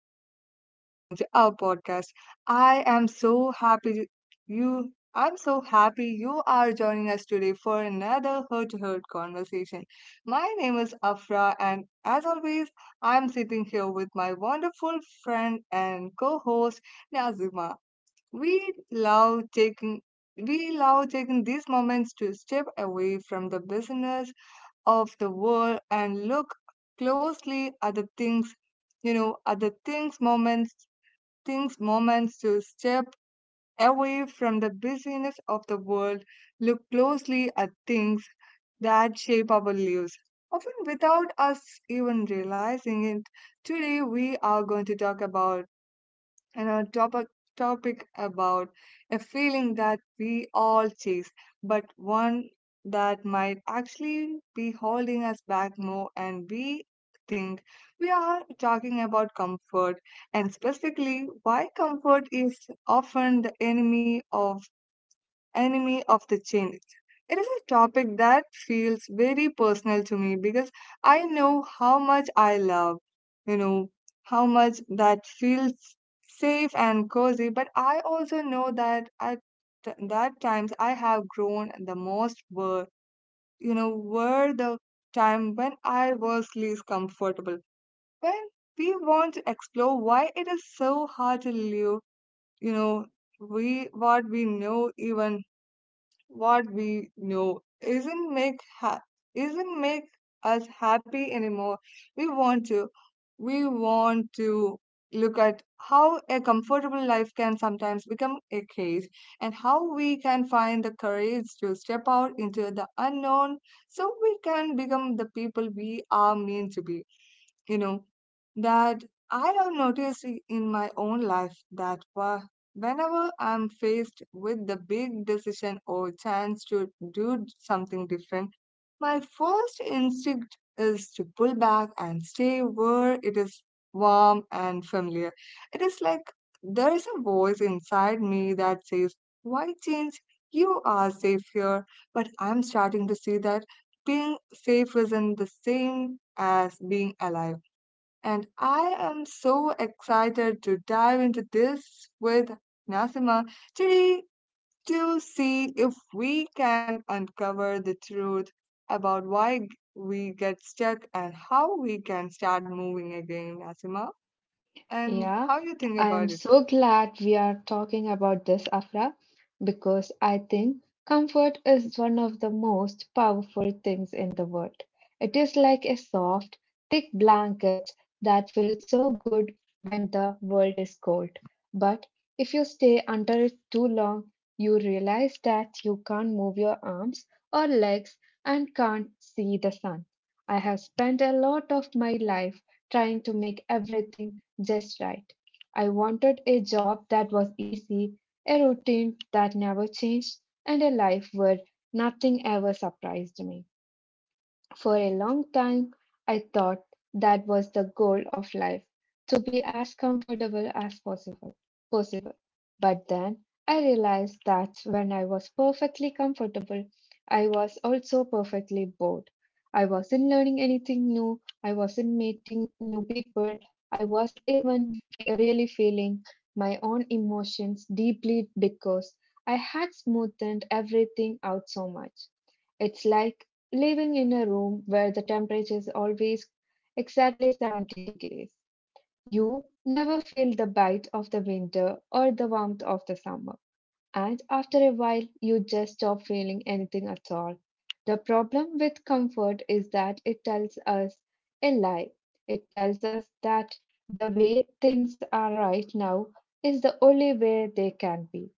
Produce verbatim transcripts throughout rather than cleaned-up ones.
warm welcome to our podcast. I am so happy you. I'm so happy you are joining us today for another heart to heart conversation. My name is Afra, and as always, I'm sitting here with my wonderful friend and co host Nazima. We love taking we love taking these moments to step away from the business of the world and look closely at the things, you know, at the things, moments, things, moments to step away from the busyness of the world, look closely at things that shape our lives. Often without us even realizing it, today we are going to talk about and our topic topic about a feeling that we all chase, but one that might actually be holding us back more and we think we are talking about comfort and specifically why comfort is often the enemy of enemy of the change. It is a topic that feels very personal to me because I know how much I love, you know, how much that feels safe and cozy, but I also know that at that times I have grown the most were, you know, were the time when I was least comfortable. When we want to explore why it is so hard to live, you know, we what we know even what we know isn't make ha- isn't make us happy anymore. We want to we want to look at how a comfortable life can sometimes become a cage and how we can find the courage to step out into the unknown so we can become the people we are meant to be, you know, that I have noticed i- in my own life that wha- whenever I'm faced with the big decision or chance to do something different, my first instinct is to pull back and stay where it is warm and familiar. It is like there is a voice inside me that says, "Why change? You are safe here." But I'm starting to see that being safe isn't the same as being alive, and I am so excited to dive into this with Nasima today to see if we can uncover the truth about why g- we get stuck and how we can start moving again, Nasima, and Yeah, how you think I about am so glad we are talking about this, Afra, because I think comfort is one of the most powerful things in the world. It is like a soft, thick blanket that feels so good when the world is cold. But if you stay under it too long, you realize that you can't move your arms or legs and can't see the sun. I have spent a lot of my life trying to make everything just right. I wanted a job that was easy, a routine that never changed, and a life where nothing ever surprised me. For a long time, I thought that was the goal of life to be as comfortable as possible. possible. But then I realized that when I was perfectly comfortable, I was also perfectly bored. I wasn't learning anything new, I wasn't meeting new people, I was even fe- really feeling my own emotions deeply because I had smoothed everything out so much. It's like living in a room where the temperature is always exactly seventy degrees. You never feel the bite of the winter or the warmth of the summer, and after a while you just stop feeling anything at all. The problem with comfort is that it tells us a lie. It tells us that the way things are right now is the only way they can be,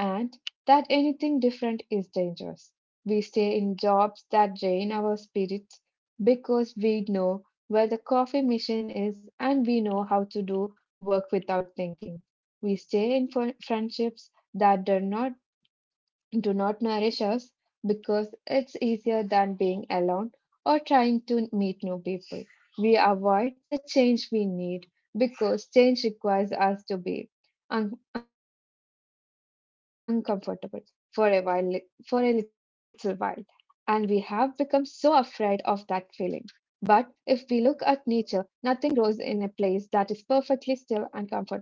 and that anything different is dangerous. We stay in jobs that drain our spirits because we know where the coffee machine is and we know how to do work without thinking. We stay in fr- friendships that does not do not nourish us because it's easier than being alone or trying to meet new people. We avoid the change we need because change requires us to be un- uncomfortable for a while, for a little while, and we have become so afraid of that feeling. But if we look at nature, nothing grows in a place that is perfectly still and comfortable.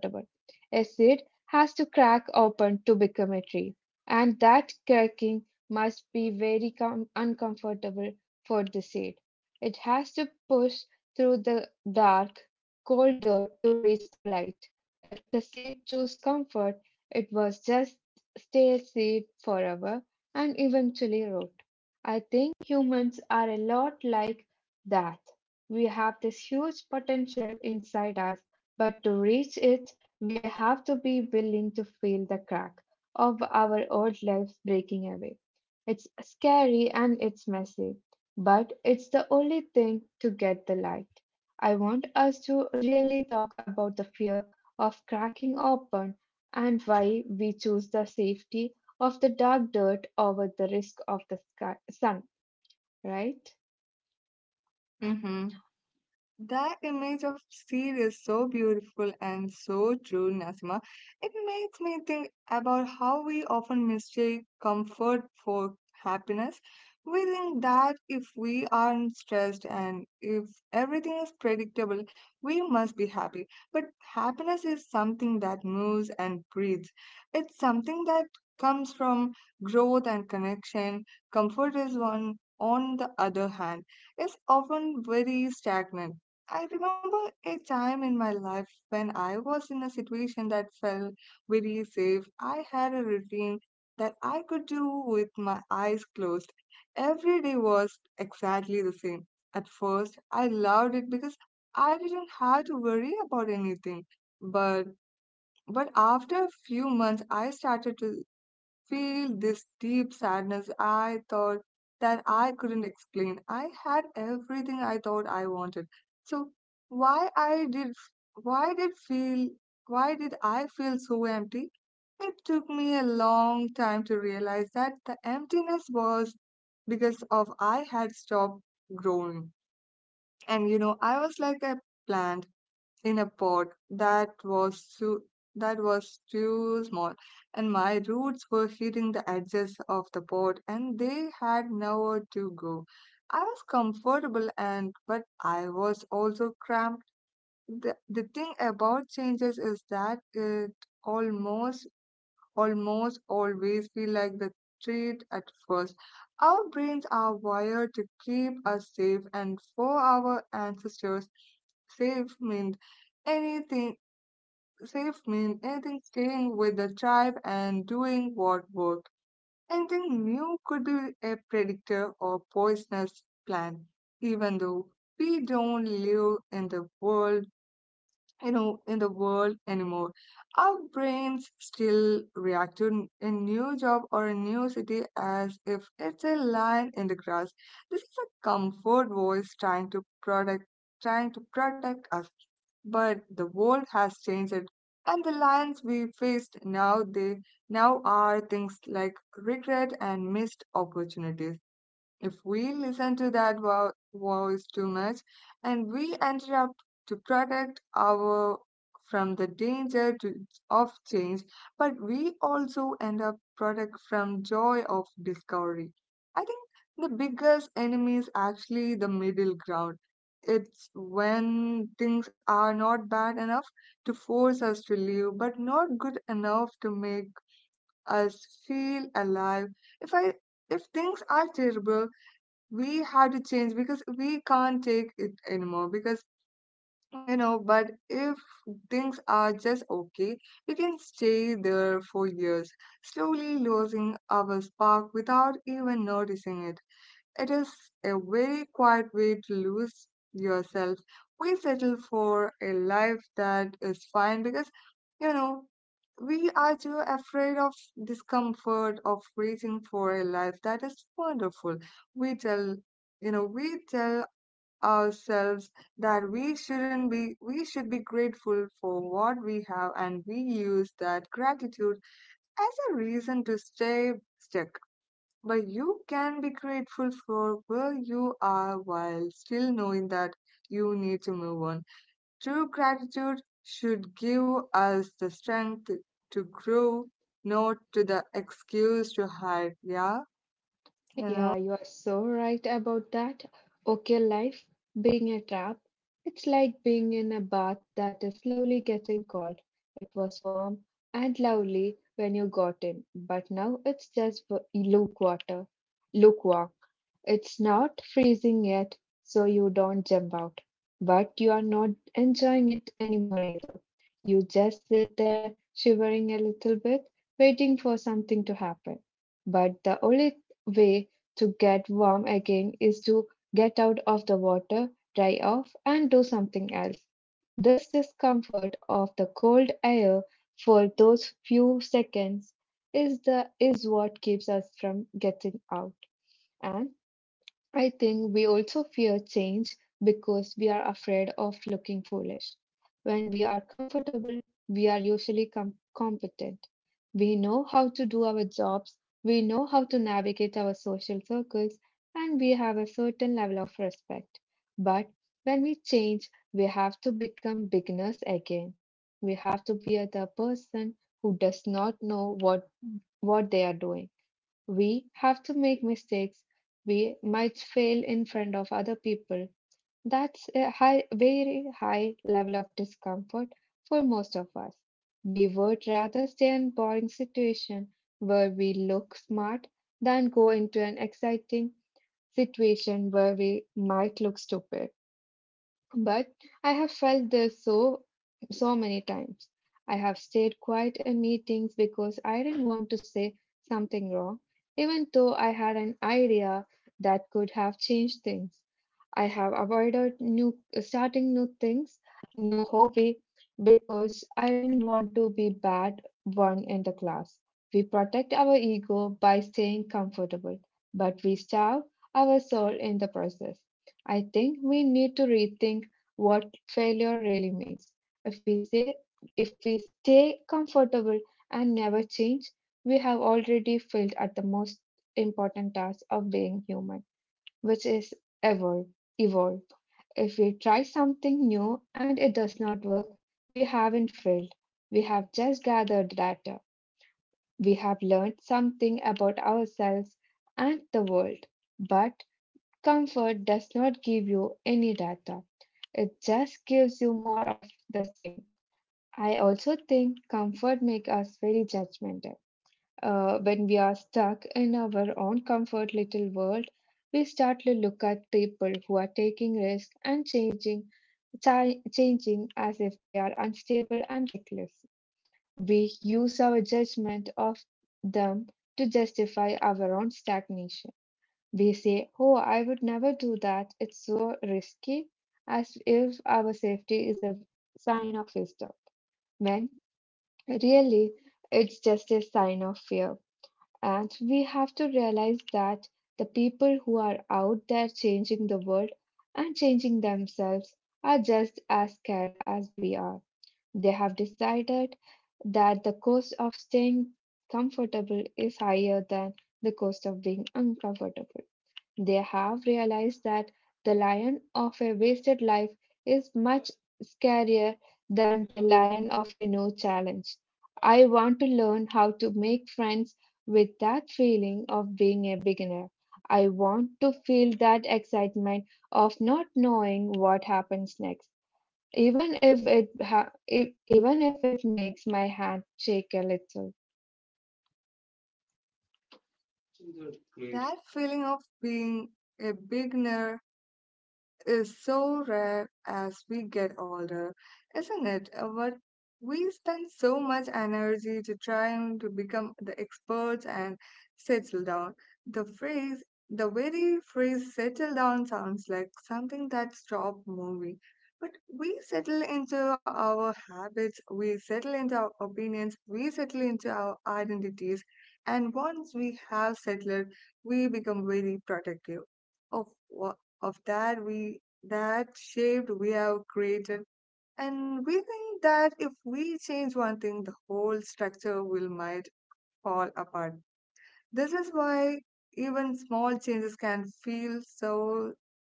A seed has to crack open to become a tree, and that cracking must be very com- uncomfortable for the seed. It has to push through the dark, cold dirt to reach the light. If the seed chose comfort, it was just stay a seed forever and eventually rot. I think humans are a lot like that. We have this huge potential inside us, but to reach it, we have to be willing to feel the crack of our old lives breaking away. It's scary and it's messy, but it's the only thing to get the light. I want us to really talk about the fear of cracking open and why we choose the safety of the dark dirt over the risk of the sky, sun, right? it. That image of sea is so beautiful and so true, Nasima. It makes me think about how we often mistake comfort for happiness. We think that if we aren't stressed and if everything is predictable, we must be happy. But happiness is something that moves and breathes. It's something that comes from growth and connection. Comfort is one, on the other hand, is often very stagnant. I remember a time in my life when I was in a situation that felt very safe. I had a routine that I could do with my eyes closed. Every day was exactly the same. At first, I loved it because I didn't have to worry about anything. But but after a few months, I started to feel this deep sadness I thought that I couldn't explain. I had everything I thought I wanted. So why I did why did feel why did I feel so empty? It took me a long time to realize that the emptiness was because of I had stopped growing. And you know, I was like a plant in a pot that was too that was too small, and my roots were hitting the edges of the pot, and they had nowhere to go. I was comfortable and but I was also cramped. The, the thing about changes is that it almost almost always feel like the treat at first. Our brains are wired to keep us safe and for our ancestors safe meant anything safe mean anything staying with the tribe and doing what worked. Anything new could be a predictor or poisonous plant, even though we don't live in the world, you know, in the world anymore. Our brains still react to a new job or a new city as if it's a line in the grass. This is a comfort voice trying to protect, trying to protect us. But the world has changed it, and the lines we faced now they now are things like regret and missed opportunities. If we listen to that vo- voice too much, and we interrupt to protect our from the danger to, of change, but we also end up protect from joy of discovery. I think the biggest enemy is actually the middle ground. It's when things are not bad enough to force us to live, but not good enough to make us feel alive. If I if things are terrible, we had to change because we can't take it anymore because, you know, but if things are just okay, we can stay there for years, slowly losing our spark without even noticing it. It is a very quiet way to lose yourself. We settle for a life that is fine because, you know, we are too afraid of discomfort, of reaching for a life that is wonderful. We tell, you know, we tell ourselves that we shouldn't be, we should be grateful for what we have, and we use that gratitude as a reason to stay stuck. But you can be grateful for where you are while still knowing that you need to move on. True gratitude should give us the strength to grow, not to the excuse to hide. Yeah, you know, Yeah, you are so right about that. Okay, life being a trap, it's like being in a bath that is slowly getting cold. It was warm and lovely when you got in, but now it's just w- lukewater, lukewarm. It's not freezing yet, so you don't jump out, but you are not enjoying it anymore either. You just sit there shivering a little bit, waiting for something to happen. But the only way to get warm again is to get out of the water, dry off, and do something else. This discomfort of the cold air for those few seconds is the is what keeps us from getting out. And I think we also fear change because we are afraid of looking foolish. When we are comfortable, we are usually com- competent. We know how to do our jobs, we know how to navigate our social circles, and we have a certain level of respect. But when we change, we have to become beginners again. We have to be the person who does not know what, what they are doing. We have to make mistakes. We might fail in front of other people. That's a high, very high level of discomfort for most of us. We would rather stay in boring situation where we look smart than go into an exciting situation where we might look stupid. But I have felt this so so many times. I have stayed quiet in meetings because I didn't want to say something wrong, even though I had an idea that could have changed things. I have avoided new starting new things, new hobby because I didn't want to be bad one in the class. We protect our ego by staying comfortable, but we starve our soul in the process. I think we need to rethink what failure really means. If we say if we stay comfortable and never change, we have already failed at the most important task of being human, which is ever evolve. If we try something new and it does not work, we haven't failed. We have just gathered data. We have learned something about ourselves and the world. But comfort does not give you any data, it just gives you more of the same. I also think comfort makes us very judgmental. Uh, when we are stuck in our own comfort little world, we start to look at people who are taking risks and changing ti- changing as if they are unstable and reckless. We use our judgment of them to justify our own stagnation. We say, "Oh, I would never do that. It's so risky," as if our safety is a sign of wisdom. When really, it's just a sign of fear. And we have to realize that the people who are out there changing the world and changing themselves are just as scared as we are. They have decided that the cost of staying comfortable is higher than the cost of being uncomfortable. They have realized that the lion of a wasted life is much scarier than the lion of a no challenge. I want to learn how to make friends with that feeling of being a beginner. I want to feel that excitement of not knowing what happens next, even if it ha- if, even if it makes my hand shake a little. that feeling of being a beginner is so rare as we get older, isn't it? Uh, But we spend so much energy to trying to become the experts and settle down. The phrase, the very phrase settle down sounds like something that stopped moving. But we settle into our habits, we settle into our opinions, we settle into our identities, and once we have settled, we become very protective of what of that we that shaped we have created, and we think that if we change one thing the whole structure will might fall apart. This is why even small changes can feel so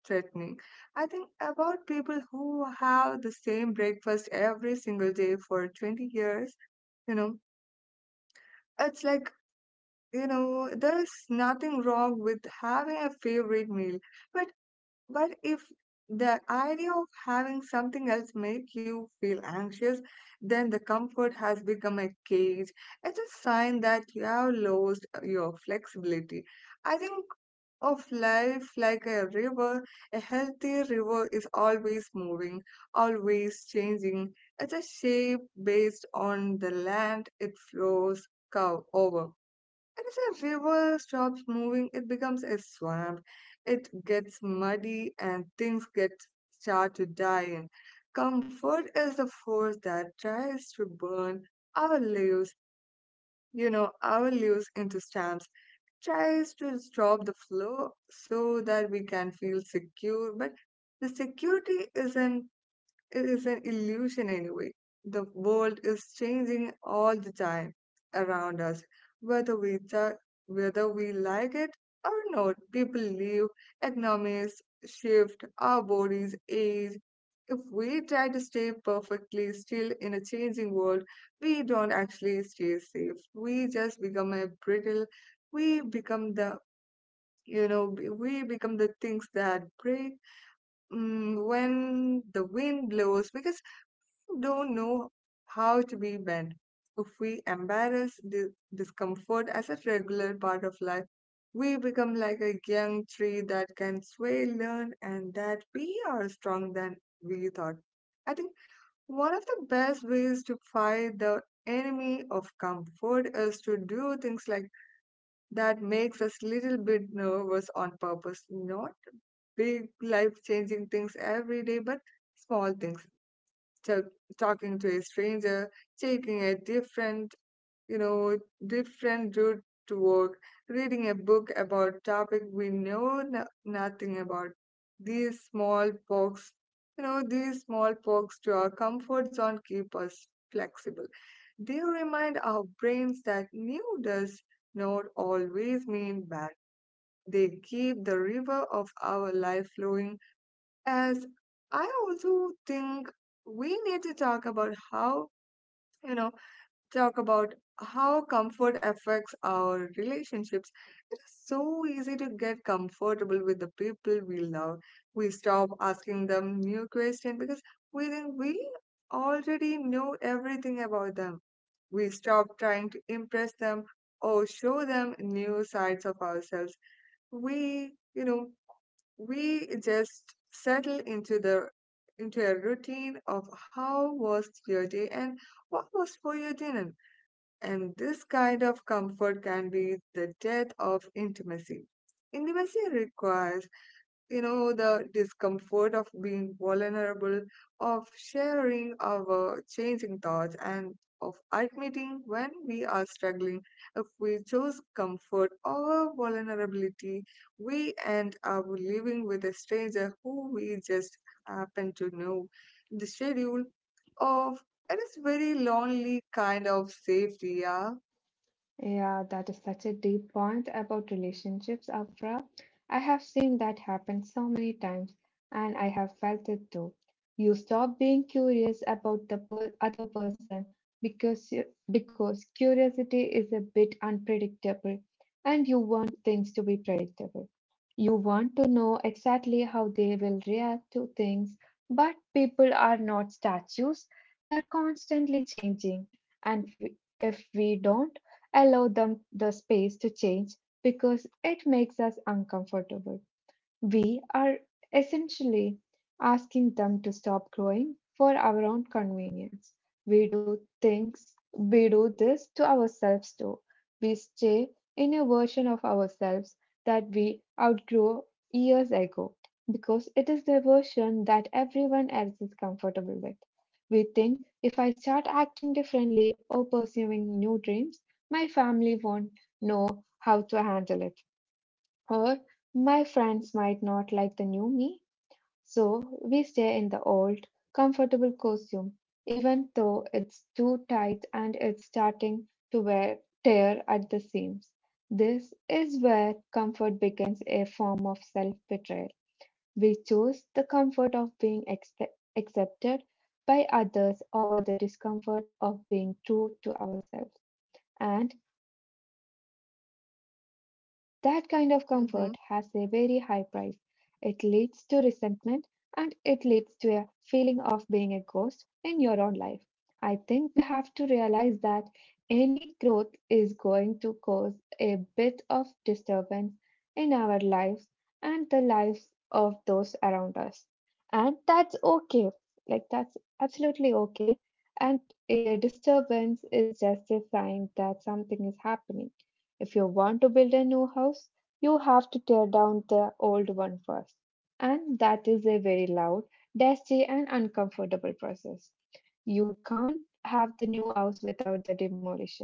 threatening. I think about people who have the same breakfast every single day for twenty years. You know, it's like, you know, there's nothing wrong with having a favorite meal, but But if the idea of having something else make you feel anxious, then the comfort has become a cage. It's a sign that you have lost uh, your flexibility. I think of life like a river. A healthy river is always moving, always changing. It's a shape based on the land it flows cow over. And if a river stops moving, it becomes a swamp. It gets muddy and things get start to die in. Comfort is the force that tries to burn our leaves, you know, our leaves into stamps, tries to stop the flow so that we can feel secure. But the security isn't, it is an illusion anyway. The world is changing all the time around us, whether we ju- whether we like it or not. People leave, economies shift, our bodies age. If we try to stay perfectly still in a changing world, we don't actually stay safe. We just become a brittle. We become the you know b- we become the things that break, mm, when the wind blows because don't know how to be bent. If we embrace the discomfort as a regular part of life, we become like a young tree that can sway, learn, and that we are stronger than we thought. I think one of the best ways to fight the enemy of comfort is to do things like that makes us little bit nervous on purpose, not big life changing things every day, but small things, ta- talking to a stranger, taking a different, you know, different route to work, reading a book about topic we know no- nothing about. These small perks, you know, these small perks to our comfort zone keep us flexible. They remind our brains that new does not always mean bad. They keep the river of our life flowing as I also think we need to talk about how, you know, talk about how comfort affects our relationships. It is so easy to get comfortable with the people we love. We stop asking them new questions because we think we already know everything about them. We stop trying to impress them or show them new sides of ourselves. We, you know, we just settle into the into a routine of how was your day and what was for your dinner, and this kind of comfort can be the death of intimacy. Intimacy requires, you know, the discomfort of being vulnerable, of sharing our changing thoughts, and of admitting when we are struggling. If we choose comfort over vulnerability, we end up living with a stranger who we just happen to know. The schedule of it is very lonely kind of safety, yeah. Yeah, that is such a deep point about relationships, Afra. I have seen that happen so many times, and I have felt it too. You stop being curious about the per other person because you- because curiosity is a bit unpredictable, and you want things to be predictable. You want to know exactly how they will react to things, but people are not statues. They are constantly changing, and we- if we don't allow them the space to change because it makes us uncomfortable. We are essentially asking them to stop growing for our own convenience. We do things, we do this to ourselves too. We stay in a version of ourselves that we outgrew years ago because it is the version that everyone else is comfortable with. We think if I start acting differently or pursuing new dreams, my family won't know how to handle it. Or my friends might not like the new me, so we stay in the old, comfortable costume, even though it's too tight and it's starting to wear tear at the seams. This is where comfort becomes a form of self betrayal. We choose the comfort of being expe- accepted by others over the discomfort of being true to ourselves. And that kind of comfort has a very high price. It Mm-hmm. leads to resentment and it leads to a feeling of being a ghost in your own life. I think we have to realize that any growth is going to cause a bit of disturbance in our lives and the lives of those around us. And that's okay. Like, that's absolutely okay. And a disturbance is just a sign that something is happening. If you want to build a new house, you have to tear down the old one first. And that is a very loud, dusty, and uncomfortable process. You can't have the new house without the demolition.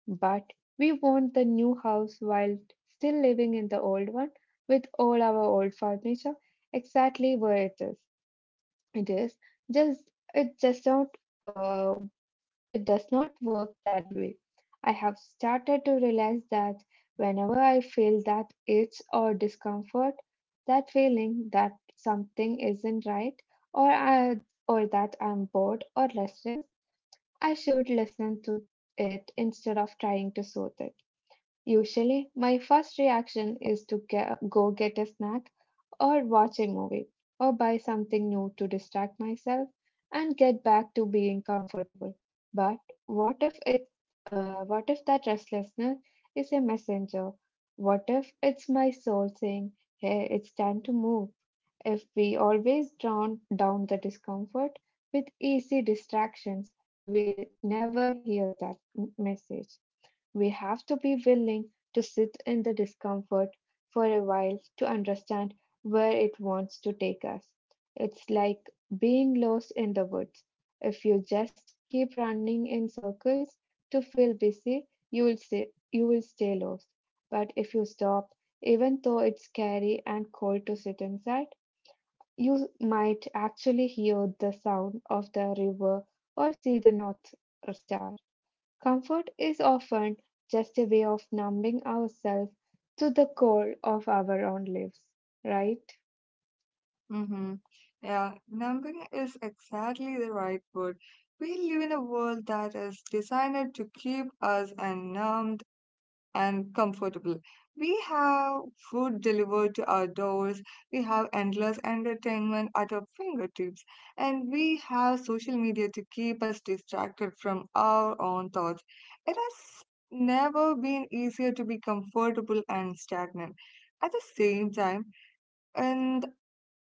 But we want the new house while still living in the old one with all our old furniture exactly where it is. It is just it just not uh, it does not work that way. I have started to realize that whenever I feel that itch or discomfort, that feeling that something isn't right or I, or that I'm bored or restless, I should listen to it instead of trying to soothe it. Usually, my first reaction is to ge- go get a snack or watch a movie or buy something new to distract myself and get back to being comfortable. But what if it uh, what if that restlessness is a messenger? What if it's my soul saying, "Hey, it's time to move." If we always drown down the discomfort with easy distractions, we'll never hear that m- message. We have to be willing to sit in the discomfort for a while to understand where it wants to take us. It's like being lost in the woods. If you just keep running in circles to feel busy, you will stay, you will stay lost. But if you stop, even though it's scary and cold to sit inside, you might actually hear the sound of the river or see the North Star. Comfort is often just a way of numbing ourselves to the cold of our own lives, right? Mm-hmm. Yeah, numbing is exactly the right word. We live in a world that is designed to keep us numbed and comfortable. We have food delivered to our doors, we have endless entertainment at our fingertips, and we have social media to keep us distracted from our own thoughts. It has never been easier to be comfortable and stagnant. At the same time, and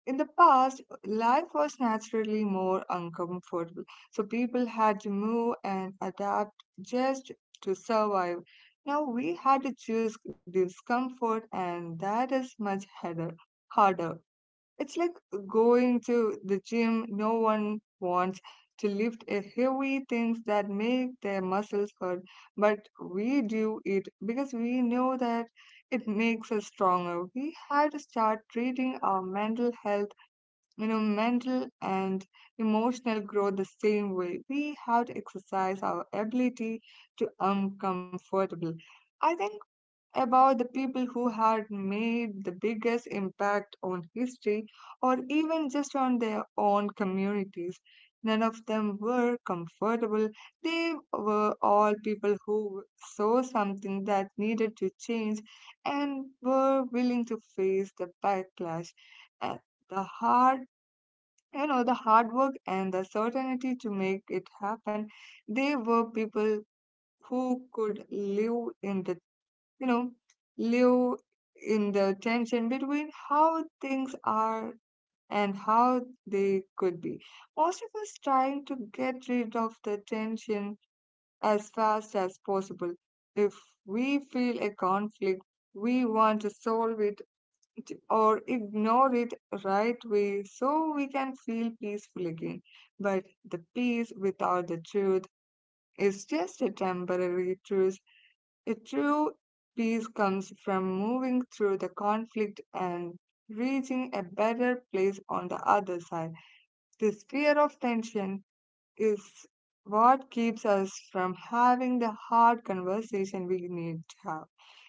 in the past, life was naturally more uncomfortable, so people had to move and adapt just to survive. Now we had to choose discomfort, and that is much harder. harder. It's like going to the gym. No one wants to lift a heavy things that make their muscles hurt, but we do it because we know that it makes us stronger. We had to start treating our mental health you know, mental and emotional growth the same way. We have to exercise our ability to uncomfortable. I think about the people who had made the biggest impact on history or even just on their own communities. None of them were comfortable. They were all people who saw something that needed to change and were willing to face the backlash. And the hard you know the hard work and the certainty to make it happen, they were people who could live in the you know live in the tension between how things are and how they could be. Most of us trying to get rid of the tension as fast as possible. If we feel a conflict, we want to solve it or ignore it right way so we can feel peaceful again. But the peace without the truth is just a temporary truth. A true peace comes from moving through the conflict and reaching a better place on the other side. This fear of tension is what keeps us from having the hard conversation we need to have.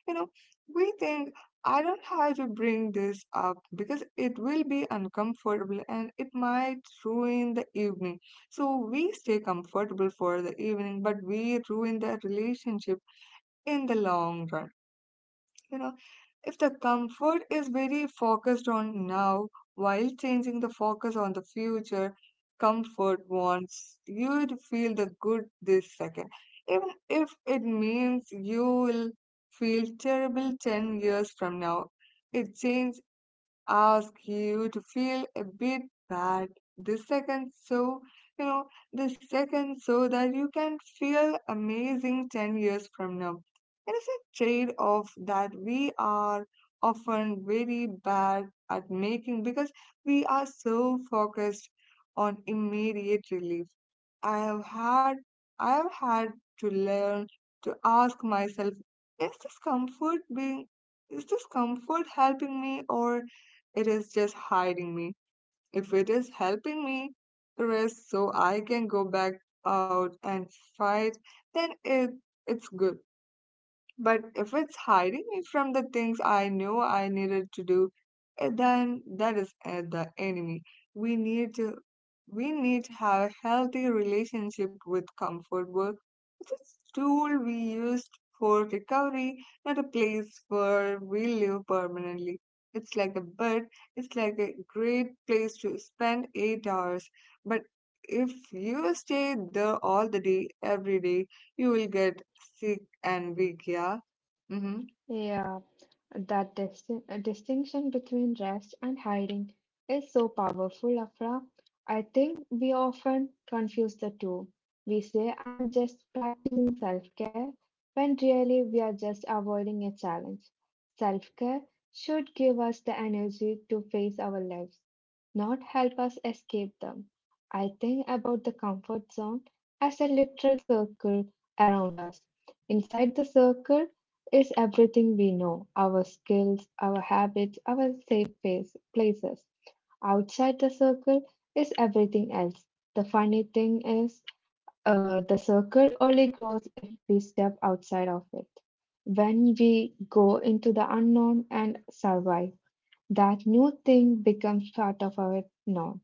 You know, we think I don't have to bring this up because it will be uncomfortable and it might ruin the evening. So we stay comfortable for the evening, but we ruin the relationship in the long run you know if the comfort is very focused on now while changing the focus on the future, comfort wants you to feel the good this second, even if it means you will feel terrible ten years from now. It changes ask you to feel a bit bad this second so you know this second so that you can feel amazing ten years from now. It is a trade off that we are often very bad at making because we are so focused on immediate relief. I have had i have had to learn to ask myself, is this comfort being is this comfort helping me or it is just hiding me. If it is helping me rest so I can go back out and fight, then it it's good. But if it's hiding me from the things I know I needed to do, eh, then that is eh, the enemy. We need to we need to have a healthy relationship with comfort work. It's a tool we use for recovery, not a place where we live permanently. It's like a bed, it's like a great place to spend eight hours. But if you stay there all the day, every day, you will get sick and weak, yeah? hmm Yeah. That disti- uh, distinction between rest and hiding is so powerful, Afra. I think we often confuse the two. We say, I am just practicing self care, when really we are just avoiding a challenge. Self care should give us the energy to face our lives, not help us escape them. I think about the comfort zone as a literal circle around us. Inside the circle, it's everything we know our skills, our habits, our safe place, places. Outside the circle is everything else. The funny thing is, uh, the circle only grows if we step outside of it. When we go into the unknown and survive, that new thing becomes part of our norm.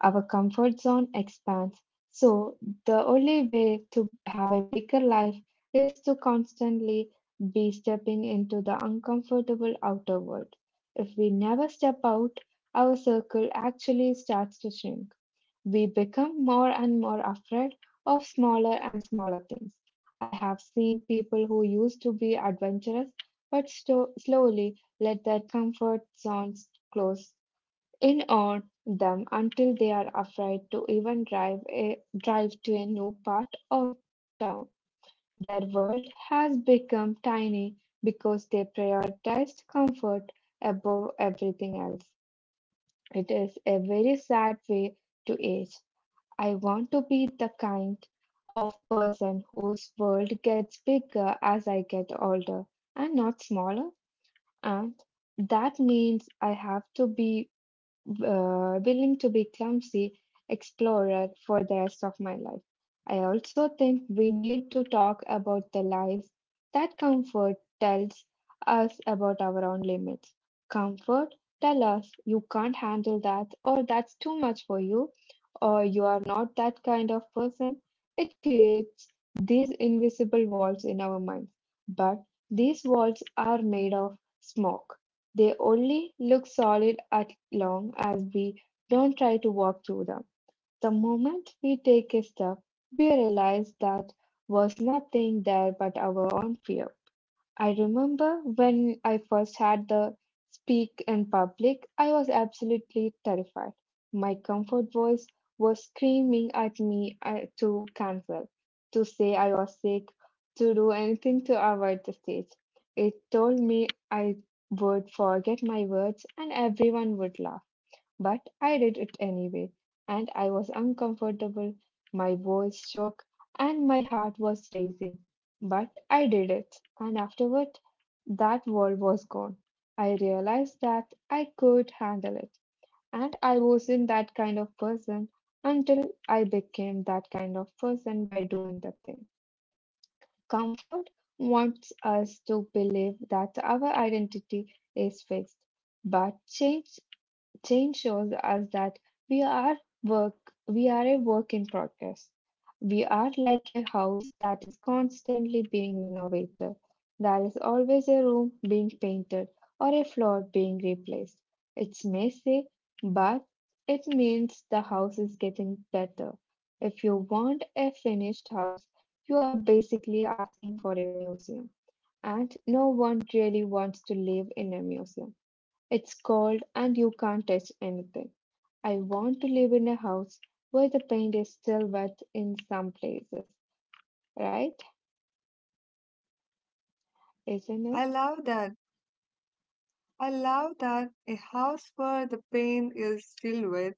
Our comfort zone expands. So, the only way to have a bigger life is to constantly be stepping into the uncomfortable outer world. If we never step out, our circle actually starts to shrink. We become more and more afraid of smaller and smaller things. I have seen people who used to be adventurous but sto- slowly let their comfort zones close in on them until they are afraid to even drive a, drive to a new part of town. Their world has become tiny because they prioritized comfort above everything else. It is a very sad way to age. I want to be the kind of person whose world gets bigger as I get older and not smaller. And that means I have to be uh, willing to be clumsy explorer for the rest of my life. I also think we need to talk about the lies that comfort tells us about our own limits. Comfort tell us you can't handle that or that's too much for you or you are not that kind of person. It creates these invisible walls in our minds, but these walls are made of smoke. They only look solid as long as we don't try to walk through them. The moment we take a step, we realize that was nothing there but our own fear. I remember when I first had the speak in public, I was absolutely terrified. My comfort voice was screaming at me uh, to cancel, to say I was sick, to do anything to avoid the stage. It told me I would forget my words and everyone would laugh. But I did it anyway, and I was uncomfortable, my voice shook, and my heart was racing. But I did it, and afterward, that world was gone. I realized that I could handle it, and I wasn't that kind of person until I became that kind of person by doing the thing. Comfort wants us to believe that our identity is fixed, but change Change shows us that we are work we are a work in progress. We are like a house that is constantly being renovated. There is always a room being painted or a floor being replaced. It's messy, but it means the house is getting better. If you want a finished house, you are basically asking for a museum. And no one really wants to live in a museum. It's cold and you can't touch anything. I want to live in a house where the paint is still wet in some places, right? Isn't it? I love that. I love that a house where the pain is filled with.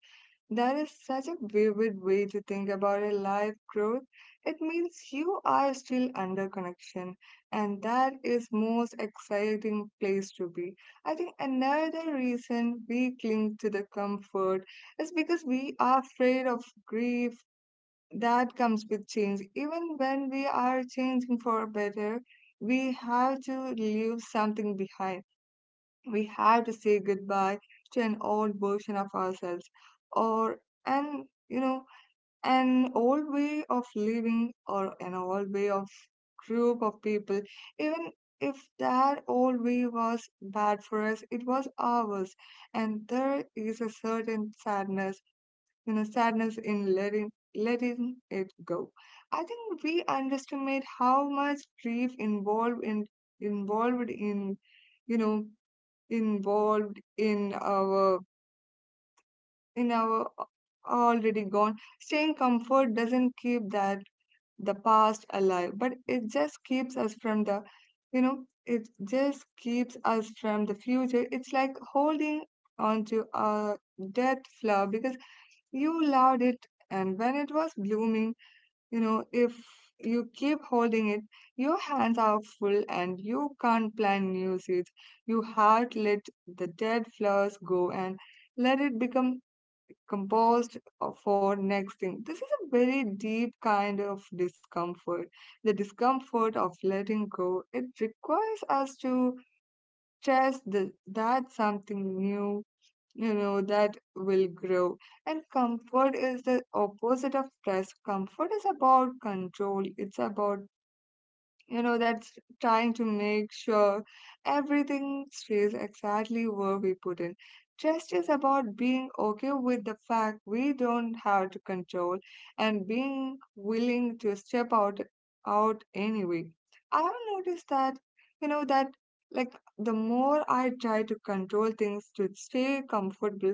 That is such a vivid way to think about a life growth. It means you are still under connection, and that is most exciting place to be. I think another reason we cling to the comfort is because we are afraid of grief that comes with change. Even when we are changing for better, we have to leave something behind. We have to say goodbye to an old version of ourselves or an you know an old way of living or an old way of group of people, even if that old way was bad for us, it was ours. And there is a certain sadness, you know, sadness in letting letting it go. I think we underestimate how much grief involved in involved in, you know, involved in our in our already gone. Staying comfort doesn't keep that the past alive, but it just keeps us from the, you know, it just keeps us from the future. It's like holding onto a dead flower because you loved it, and when it was blooming, you know, if you keep holding it, your hands are full and you can't plan new seeds. You have to let the dead flowers go and let it become composed uh, for next thing. This is a very deep kind of discomfort. The discomfort of letting go, it requires us to chase the, that something new, you know, that will grow. And comfort is the opposite of trust. Comfort is about control, it's about you know, that's trying to make sure everything stays exactly where we put it. Trust is about being okay with the fact we don't have to control and being willing to step out out anyway. I have noticed that, you know, that like the more I try to control things to stay comfortable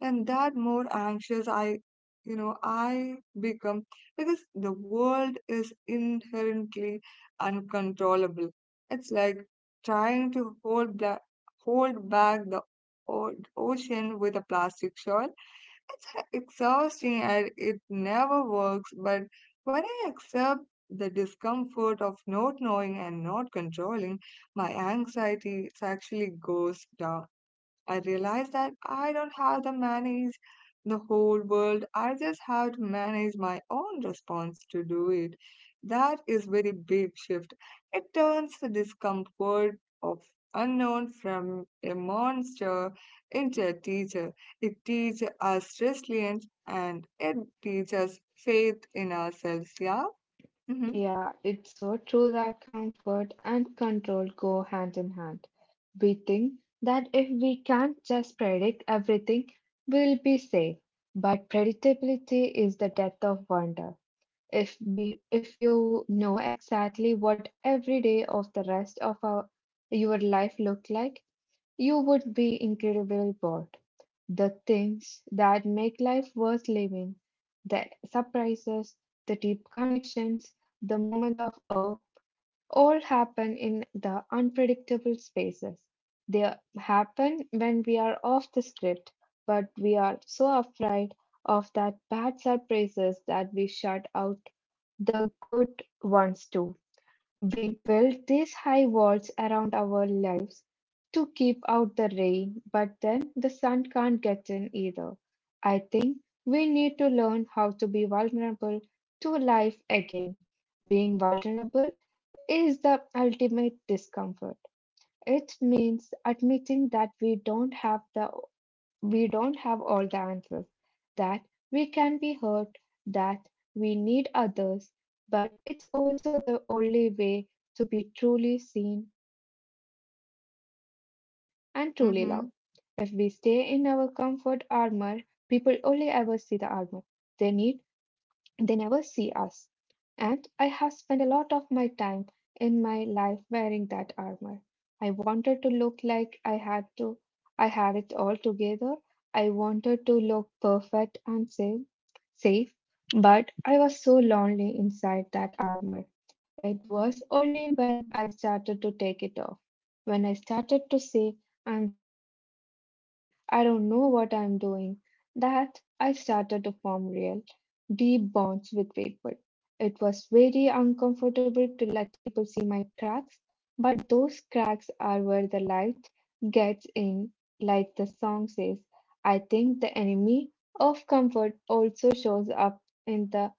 and that more anxious I you know I become because the world is inherently uncontrollable. It's like trying to hold back, hold back the o- ocean with a plastic shawl. It's exhausting and it never works, but when I accept the discomfort of not knowing and not controlling, my anxiety actually goes down. I realized that I don't have to manage the whole world. I just have to manage my own response to do it. That is very big shift. It turns the discomfort of unknown from a monster into a teacher. It teaches us resilience and it teaches faith in ourselves. Yeah. Mm-hmm. Yeah, it's so true that comfort and control go hand in hand. We think that if we can't just predict everything, we'll be safe. But predictability is the death of wonder. If we if you know exactly what every day of the rest of our your life look like, you would be incredibly bored. The things that make life worth living, the surprises, the deep connections, the moment of awe, all happen in the unpredictable spaces. They happen when we are off the script, but we are so afraid of that bad surprises that we shut out the good ones too. We build these high walls around our lives to keep out the rain, but then the sun can't get in either. I think we need to learn how to be vulnerable to life again. Being vulnerable is the ultimate discomfort. It means admitting that we don't have the we don't have all the answers, that we can be hurt, that we need others, but it's also the only way to be truly seen and truly loved. If we stay in our comfort Mm-hmm. armor, people only ever see the armor they need, they never see us. And I have spent a lot of my time in my life wearing that armor. I wanted to look like I had to I had it all together. I wanted to look perfect and safe, safe, but I was so lonely inside that armor. It was only when I started to take it off, when I started to say, I'm scared or I don't know what I'm doing, that I started to form real, deep bonds with people. It was very uncomfortable to let people see my cracks, but those cracks are where the light gets in, like the song says. I think the enemy of comfort also shows up in the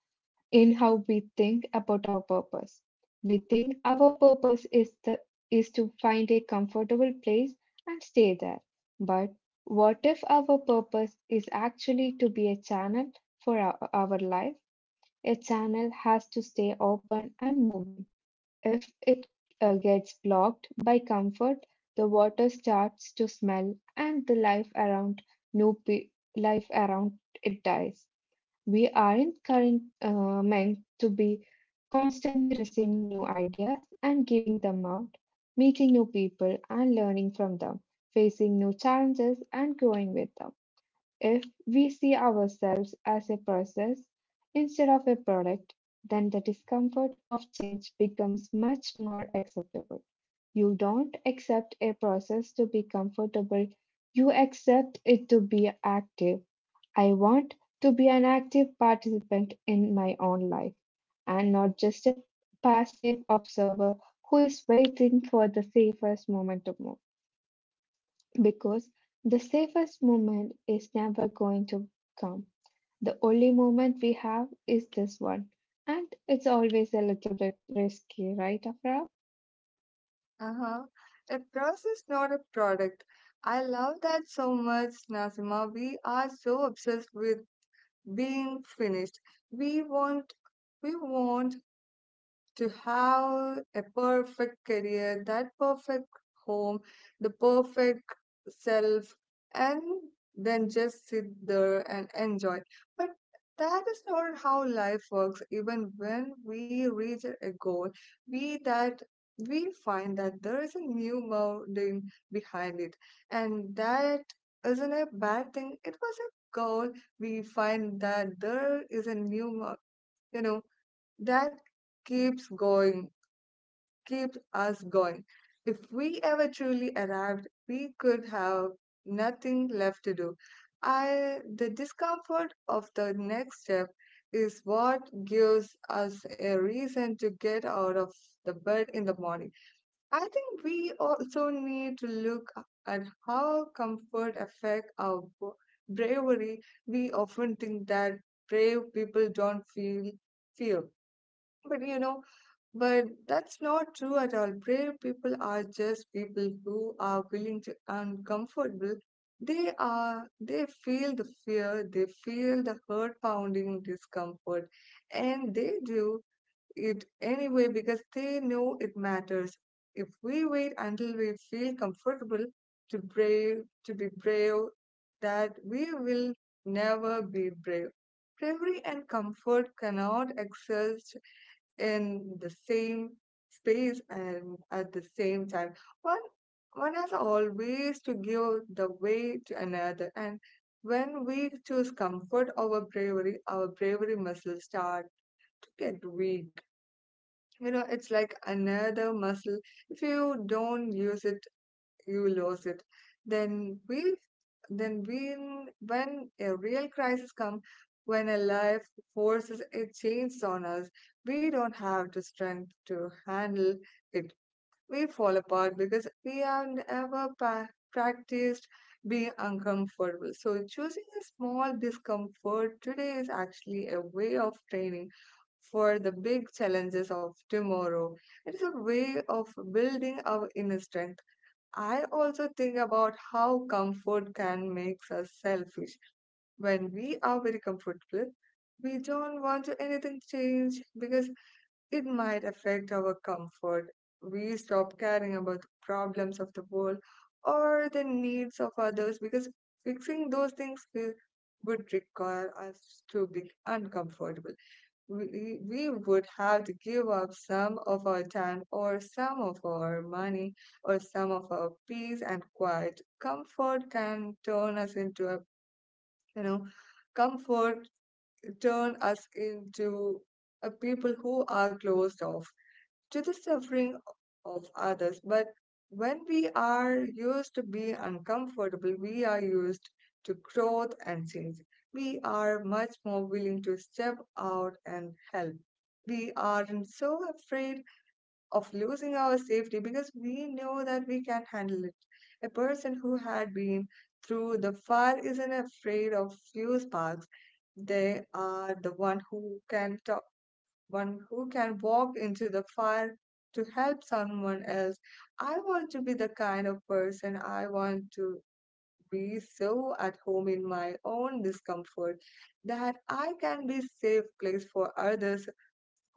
in how we think about our purpose. We think our purpose is the is to find a comfortable place and stay there. But what if our purpose is actually to be a channel for our, our life? A channel has to stay open and moving. If it uh, gets blocked by comfort, the water starts to smell and the life around new pe- life around it dies. We aren't current, uh, meant to be constantly receiving new ideas and giving them out, meeting new people and learning from them, facing new challenges and growing with them. If we see ourselves as a process instead of a product, then the discomfort of change becomes much more acceptable. You don't accept a process to be comfortable, you accept it to be active. I want to be an active participant in my own life and not just a passive observer who is waiting for the safest moment to move. Because the safest moment is never going to come. The only moment we have is this one. And it's always a little bit risky, right, Afra? Uh-huh. A process, not a product. I love that so much, Nazima. We are so obsessed with being finished. We want we want to have a perfect career, that perfect home, the perfect self, and then just sit there and enjoy. But that is not how life works. Even when we reach a goal, we that we find that there is a new mountain behind it, and that isn't a bad thing. It was a goal. We find that there is a new, mo- you know, that keeps going, keeps us going. If we ever truly arrived, we could have nothing left to do. I, the discomfort of the next step is what gives us a reason to get out of the bed in the morning. I think we also need to look at how comfort affect our bo- bravery. We often think that brave people don't feel fear, but you know but that's not true at all. Brave people are just people who are willing to uncomfortable. They are they feel the fear, they feel the heart pounding discomfort, and they do it anyway because they know it matters. If we wait until we feel comfortable to brave to be brave, that we will never be brave. Bravery and comfort cannot exist in the same space and at the same time. One one has always to give the way to another, and when we choose comfort over bravery, our bravery muscles start to get weak. You know, it's like another muscle. If you don't use it, you lose it. Then we, then when when a real crisis comes, when a life forces a change on us, we don't have the strength to handle it. We fall apart because we have never pa- practiced being uncomfortable. So choosing a small discomfort today is actually a way of training for the big challenges of tomorrow. It is a way of building our inner strength. I also think about how comfort can make us selfish. When we are very comfortable, we don't want to anything change because it might affect our comfort. We stop caring about the problems of the world or the needs of others because fixing those things will, would require us to be uncomfortable. We, we would have to give up some of our time or some of our money or some of our peace and quiet. Comfort can turn us into a, you know, comfort turn us into a people who are closed off to the suffering of others. But when we are used to be uncomfortable, we are used to growth and change. We are much more willing to step out and help. We aren't so afraid of losing our safety because we know that we can handle it. A person who had been through the fire isn't afraid of few sparks. They are the one who can talk one who can walk into the fire to help someone else. I want to be the kind of person I want to be so at home in my own discomfort that I can be safe place for others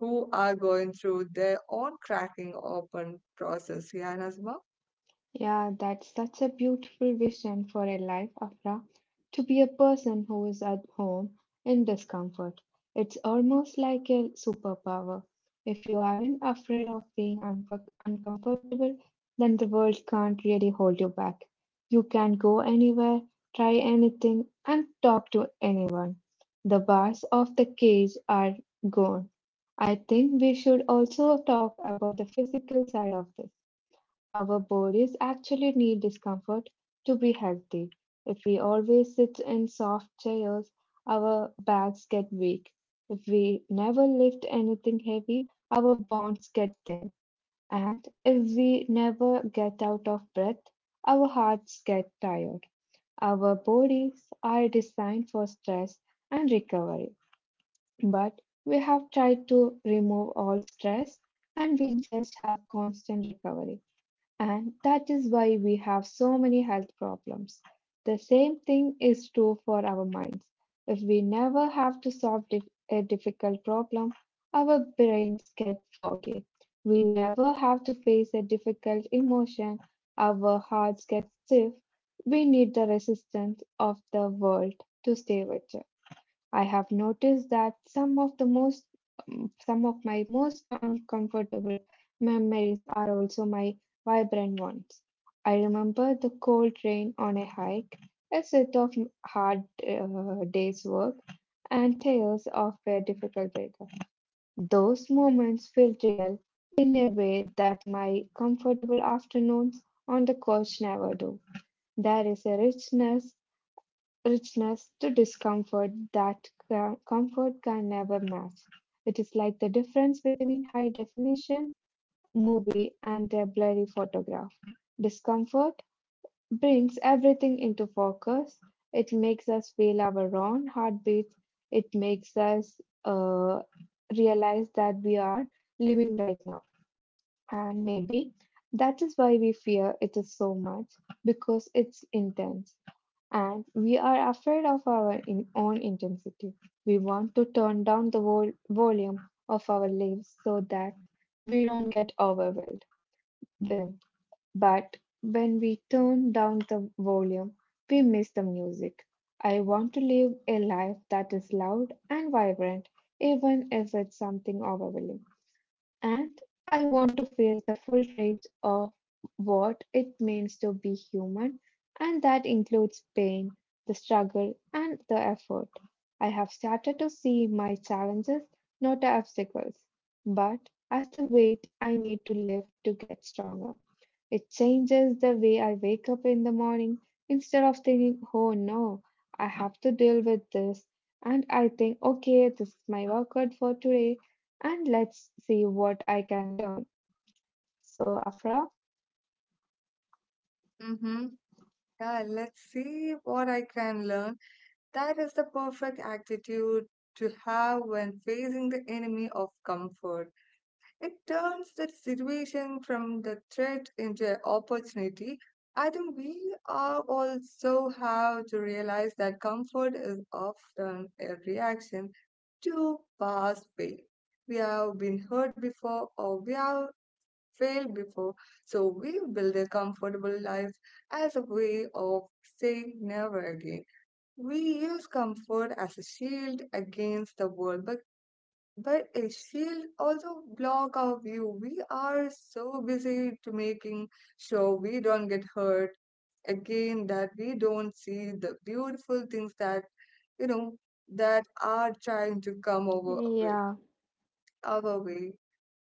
who are going through their own cracking open process. Yeah, Nazma? Yeah, that's such a beautiful vision for a life, Afra, to be a person who is at home in discomfort. It's almost like a superpower. If you aren't afraid of being unco- uncomfortable, then the world can't really hold you back. You can go anywhere, try anything, and talk to anyone. The bars of the cage are gone. I think we should also talk about the physical side of this our bodies actually need discomfort to be healthy. If we always sit in soft chairs, our backs get weak. If we never lift anything heavy, our bones get thin. And if we never get out of breath, our hearts get tired. Our bodies are designed for stress and recovery. But we have tried to remove all stress and we just have constant recovery. And that is why we have so many health problems. The same thing is true for our minds. If we never have to solve dif- a difficult problem, our brains get foggy. We never have to face a difficult emotion, our hearts get stiff. We need the resistance of the world to stay with you. I have noticed that some of the most some of my most uncomfortable memories are also my vibrant ones. I remember the cold rain on a hike, a set of hard uh, days' work, and tales of a difficult breakup. Those moments felt real in a way that my comfortable afternoons on the couch never do. There is a richness richness to discomfort that ca- comfort can never match. It is like the difference between high definition movie and a blurry photograph. Discomfort brings everything into focus. It makes us feel our own heartbeats. It makes us uh, realize that we are living right now. And maybe that is why we fear it is so much because it's intense. And we are afraid of our in- own intensity. We want to turn down the vol- volume of our lives so that we don't get overwhelmed. Then- But when we turn down the volume, we miss the music. I want to live a life that is loud and vibrant, even if it's something overwhelming. And I want to feel the full range of what it means to be human, and that includes pain, the struggle, and the effort. I have started to see my challenges not as obstacles, but as the weight I need to lift to get stronger. It changes the way I wake up in the morning. Instead of thinking, oh no, I have to deal with this, and I think, okay, this is my workout for today, and let's see what I can learn. So, Afra, Mm-hmm. Yeah, let's see what I can learn. That is the perfect attitude to have when facing the enemy of comfort. It turns that situation from the threat into an opportunity. I think we are also have to realize that comfort is often a reaction to past pain. We have been hurt before or we have failed before, so we build a comfortable life as a way of saying never again. We use comfort as a shield against the world, but but uh, she'll also block our view. We are so busy to making sure we don't get hurt again, that we don't see the beautiful things that, you know, that are trying to come over way, yeah, our way.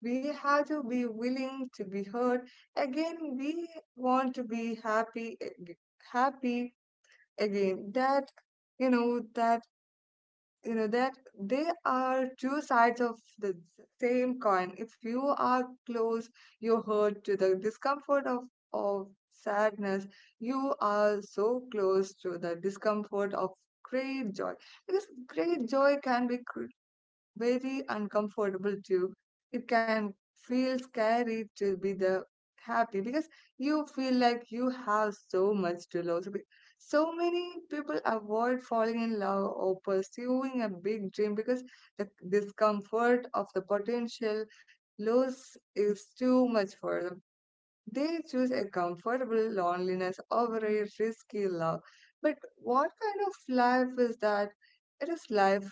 We have to be willing to be hurt. Again, we want to be happy, ag- happy again. That, you know, that you know that they are two sides of the s- same coin. If you are close you hurt to the discomfort of of sadness, you are so close to the discomfort of great joy, because great joy can be cr- very uncomfortable too. It can feel scary to be the happy because you feel like you have so much to lose. Be- So many people avoid falling in love or pursuing a big dream because the discomfort of the potential loss is too much for them. They choose a comfortable loneliness over a risky love. But what kind of life is that? It is life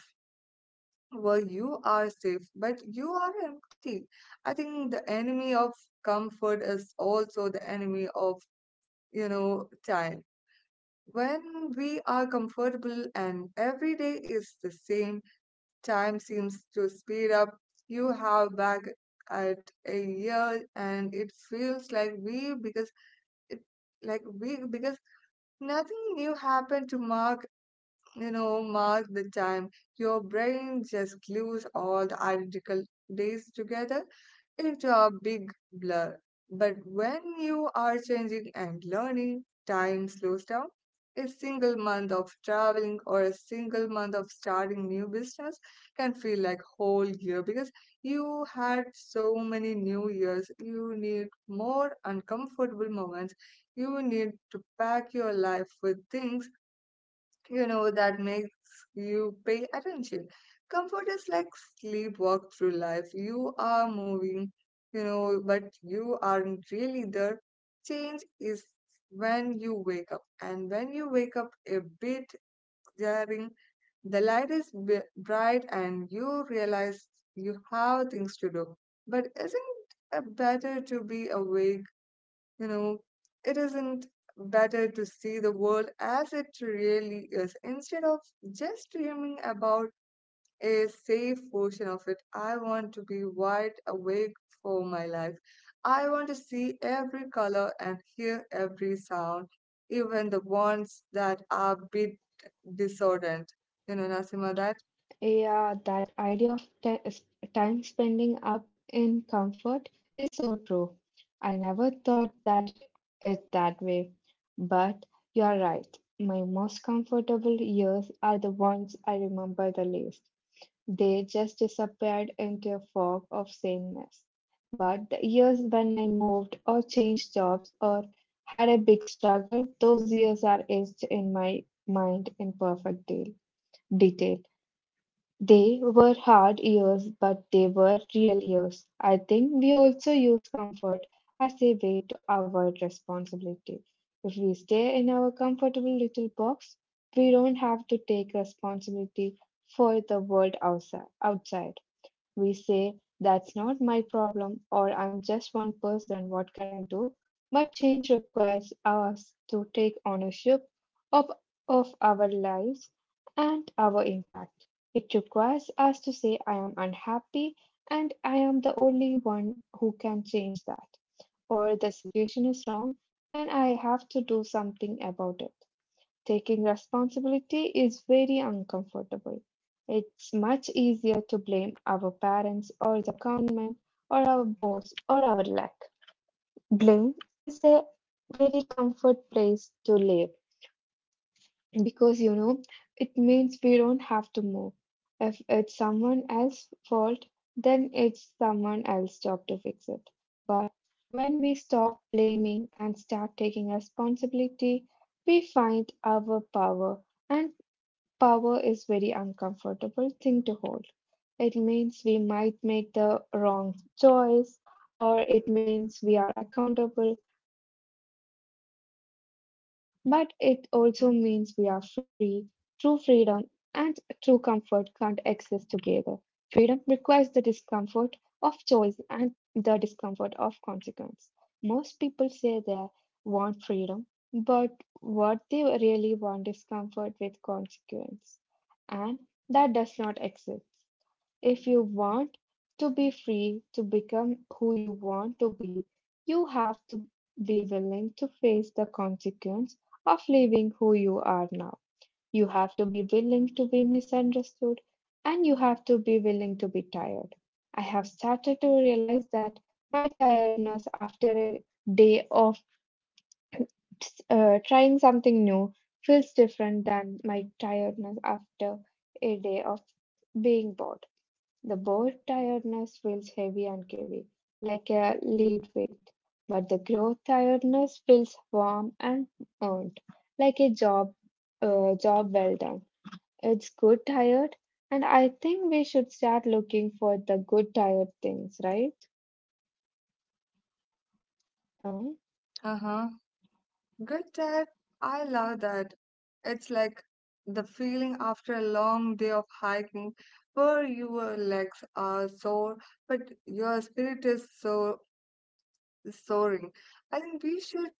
well, you are safe, but you are empty. I think the enemy of comfort is also the enemy of, you know, time. When we are comfortable and every day is the same, time seems to speed up. You have back at a year and it feels like we because it like we because nothing new happened to mark you know, mark the time. Your brain just glues all the identical days together into a big blur. But when you are changing and learning, time slows down. A single month of traveling or a single month of starting new business can feel like whole year because you had so many new years. You need more uncomfortable moments. You need to pack your life with things you know, that makes you pay attention. Comfort is like sleepwalk through life. You are moving, you know, but you aren't really there. Change is when you wake up, and when you wake up a bit glaring, the light is b- bright, and you realize you have things to do. But isn't it better to be awake you know, it isn't better to see the world as it really is instead of just dreaming about a safe version of it. I want to be wide awake for my life. I want to see every color and hear every sound, even the ones that are a bit discordant. You know, Nasima, that? yeah, that idea of ti- s- time spending up in comfort is so true. I never thought that it that way, but you're right. My most comfortable years are the ones I remember the least. They just disappeared into a fog of sameness. But the years when I moved or changed jobs or had a big struggle, those years are etched in my mind in perfect de- detail. They were hard years, but they were real years. I think we also use comfort as a way to avoid responsibility. If we stay in our comfortable little box, we don't have to take responsibility for the world outside. outside. We say, that's not my problem, or I'm just one person, what can I do? But change requires us to take ownership of, of our lives and our impact. It requires us to say, I am unhappy and I am the only one who can change that, or the situation is wrong and I have to do something about it. Taking responsibility is very uncomfortable. It's much easier to blame our parents or the government or our boss or our lack. Blame is a very comfort place to live because you know it means we don't have to move. If it's someone else's fault, then it's someone else's job to fix it. But when we stop blaming and start taking responsibility, we find our power, and power is very uncomfortable thing to hold. It means we might make the wrong choice or it means we are accountable, but it Mm-hmm. also means we are free. True freedom and true comfort can't exist together. Freedom requires the discomfort of choice and the discomfort of consequence. Most people say they want freedom, but what they really want is comfort with consequence. And that does not exist. If you want to be free to become who you want to be, you have to be willing to face the consequence of leaving who you are now. You have to be willing to be misunderstood and you have to be willing to be tired. I have started to realize that my tiredness after a day of uh, trying something new feels different than my tiredness after a day of being bored. The bored tiredness feels heavy and heavy, like a lead weight, but the growth tiredness feels warm and earned, like a job, uh, job well done. It's good tired, and I think we should start looking for the good tired things, right? Uh, Uh-huh. Good chat. I love that. It's like the feeling after a long day of hiking where your legs are sore, but your spirit is so soaring. I think we should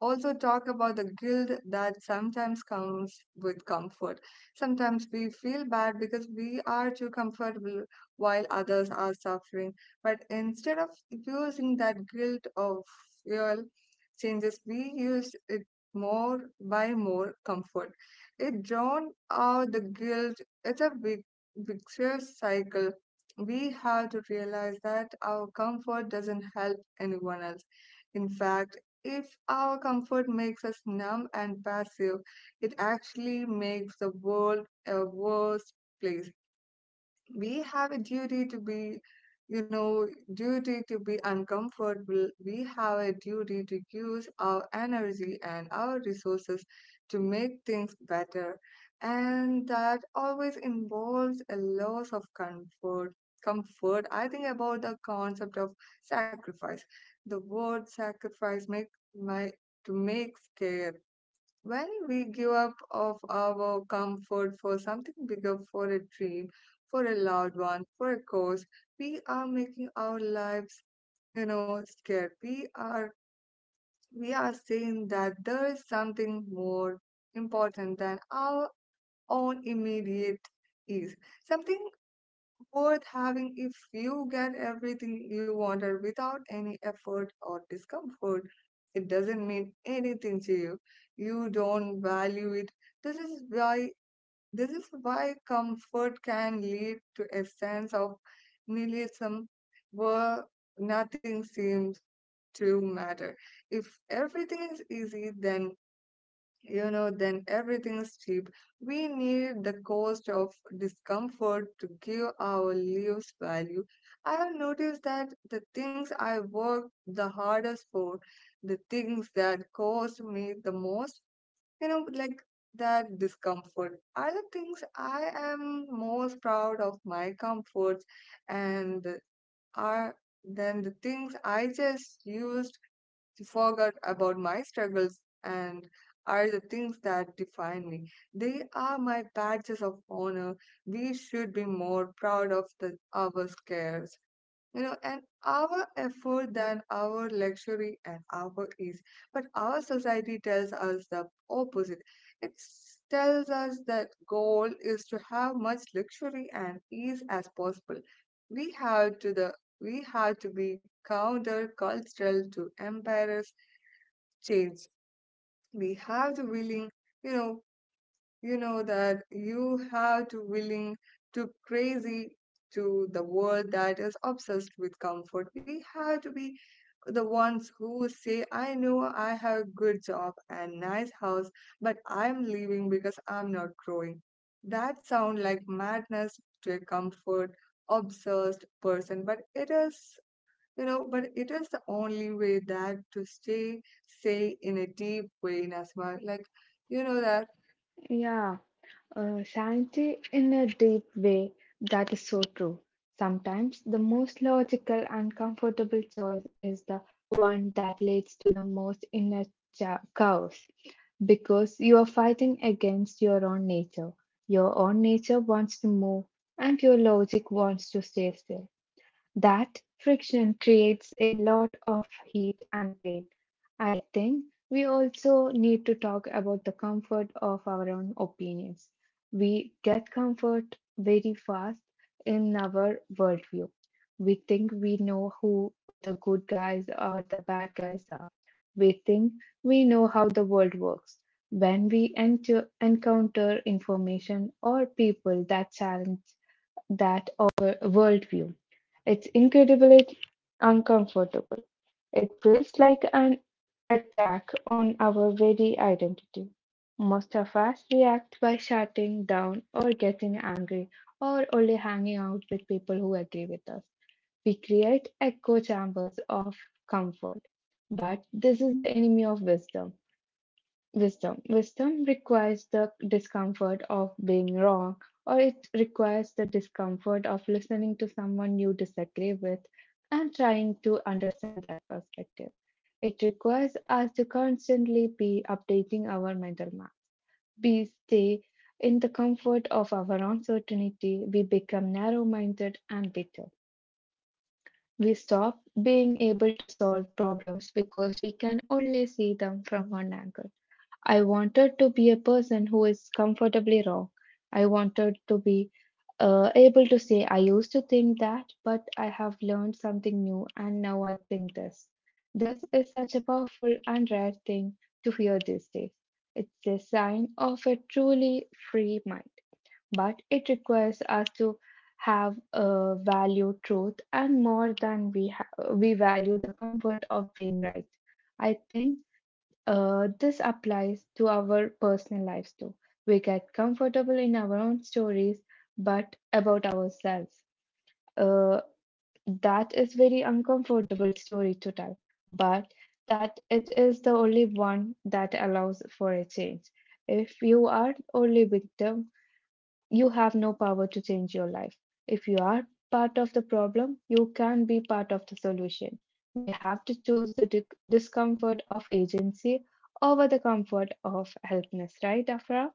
also talk about the guilt that sometimes comes with comfort. Sometimes we feel bad because we are too comfortable while others are suffering. But instead of using that guilt of fuel changes, we use it more by more comfort. It drawn out the guilt. It's a big vicious cycle. We have to realize that our comfort doesn't help anyone else. In fact, if our comfort makes us numb and passive, it actually makes the world a worse place. We have a duty to be you know duty to be uncomfortable. We have a duty to use our energy and our resources to make things better, and that always involves a loss of comfort comfort I think about the concept of sacrifice. The word sacrifice make my to make scared. When we give up of our comfort for something bigger, for a dream, for a loved one, for a cause, we are making our lives, you know, scared. We are we are saying that there is something more important than our own immediate ease, something worth having. If you get everything you wanted without any effort or discomfort, it doesn't mean anything to you. You don't value it. This is why this is why comfort can lead to a sense of nihilism where nothing seems to matter. If everything is easy, then you know, then everything's cheap. We need the cost of discomfort to give our lives value. I have noticed that the things I work the hardest for, the things that cost me the most, you know, like that discomfort are the things I am most proud of. My comforts and are then the things I just used she forgot about my struggles and are the things that define me. They are my badges of honor. We should be more proud of the, our scares, you know, and our effort than our luxury and our ease. But our society tells us the opposite. It s- tells us that goal is to have much luxury and ease as possible. We have to the we have to be counter cultural to embarrass change. We have to willing, you know, you know that you have to willing to crazy to the world that is obsessed with comfort. We have to be the ones who say, I know I have a good job and nice house, but I'm leaving because I'm not growing. That sound like madness to a comfort obsessed person, but it is you know, but it is the only way that to stay sane in a deep way in asthma. Like, you know that. Yeah. Uh, sanity in a deep way, that is so true. Sometimes the most logical and comfortable choice is the one that leads to the most inner cha- chaos because you are fighting against your own nature. Your own nature wants to move, and your logic wants to stay still. That friction creates a lot of heat and pain. I think we also need to talk about the comfort of our own opinions. We get comfort very fast in our worldview. We think we know who the good guys or the bad guys are. We think we know how the world works. When we enter, encounter information or people that challenge that of our worldview. It's incredibly uncomfortable. It feels like an attack on our very identity. Most of us react by shutting down or getting angry or only hanging out with people who agree with us. We create echo chambers of comfort. But this is the enemy of wisdom. Wisdom. Wisdom requires the discomfort of being wrong, or it requires the discomfort of listening to someone you disagree with and trying to understand that perspective. It requires us to constantly be updating our mental map. We stay in the comfort of our uncertainty, we become narrow minded and bitter. We stop being able to solve problems because we can only see them from one angle. I wanted to be a person who is comfortably wrong. I wanted to be uh, able to say, I used to think that, but I have learned something new and now I think this. This is such a powerful and rare thing to hear these days. It's a sign of a truly free mind, but it requires us to have a value truth and more than we ha- we value the comfort of being right. I think uh, this applies to our personal lives too. We get comfortable in our own stories, but about ourselves. Uh, that is very uncomfortable story to tell, but that it is the only one that allows for a change. If you are only victim you have no power to change your life. If you are part of the problem, you can be part of the solution. We have to choose the dic- discomfort of agency over the comfort of helplessness, right, Afra?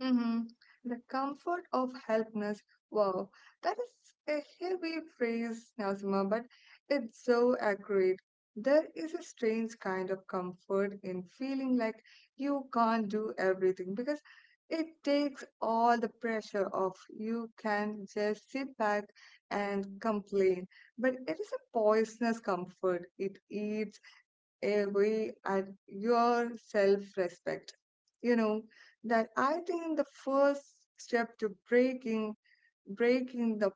Mm-hmm. The comfort of helplessness. Wow, that is a heavy phrase, Nazima, but it's so accurate. There is a strange kind of comfort in feeling like you can't do everything because it takes all the pressure off. You can just sit back and complain, but it is a poisonous comfort. It eats away at your self respect. You know, that I think the first step to breaking breaking the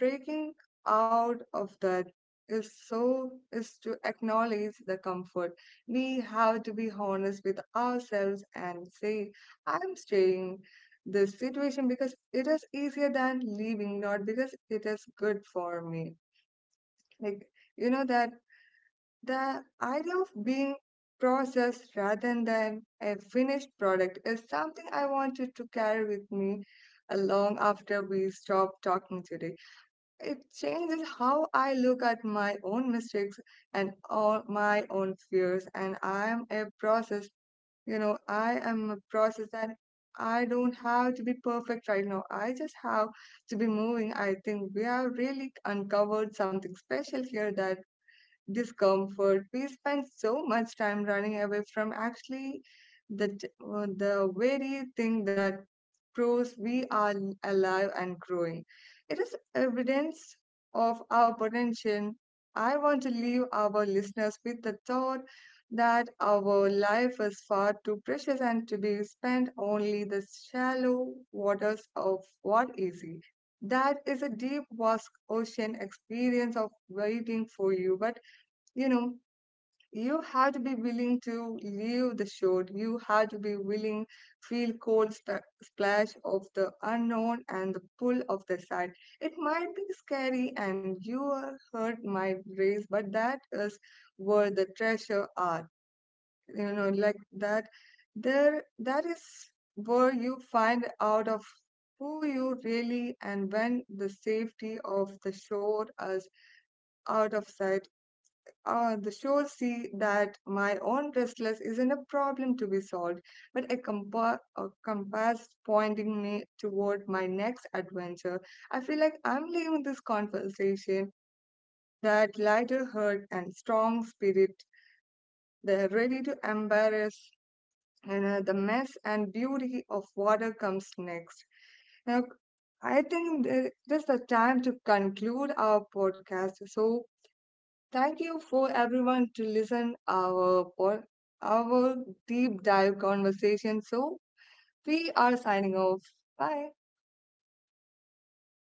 breaking out of that is so is to acknowledge the comfort. We have to be honest with ourselves and say, I'm staying this situation because it is easier than leaving, not because it is good for me. Like you know that the idea of being processed rather than a finished product is something I wanted to carry with me along after we stop talking today. It changes how I look at my own mistakes and all my own fears, and I am a process. You know, I am a process and I don't have to be perfect right now. I just have to be moving. I think we have really uncovered something special here: that discomfort. We spend so much time running away from actually the, t- uh, the very thing that proves we are alive and growing. It is evidence of our potential. I want to leave our listeners with the thought that our life is far too precious and to be spent only the shallow waters of what is easy. That is a deep vast ocean experience of waiting for you, but you know you have to be willing to leave the shore. You have to be willing feel cold sp- splash of the unknown and the pull of the side. It might be scary and your heart might race, but that is where the treasure are. You know like that there that is where you find out of who you really. And when the safety of the shore is out of sight, uh, the shows see that my own restless isn't a problem to be solved, but a, compa- a compass pointing me toward my next adventure. I feel like I'm leaving this conversation that lighter heart and strong spirit. They're ready to embrace you know, the mess and beauty of whatever comes next. Now, I think th- this is the time to conclude our podcast. So, thank you for everyone to listen our pod, our deep dive conversation. So we are signing off. Bye.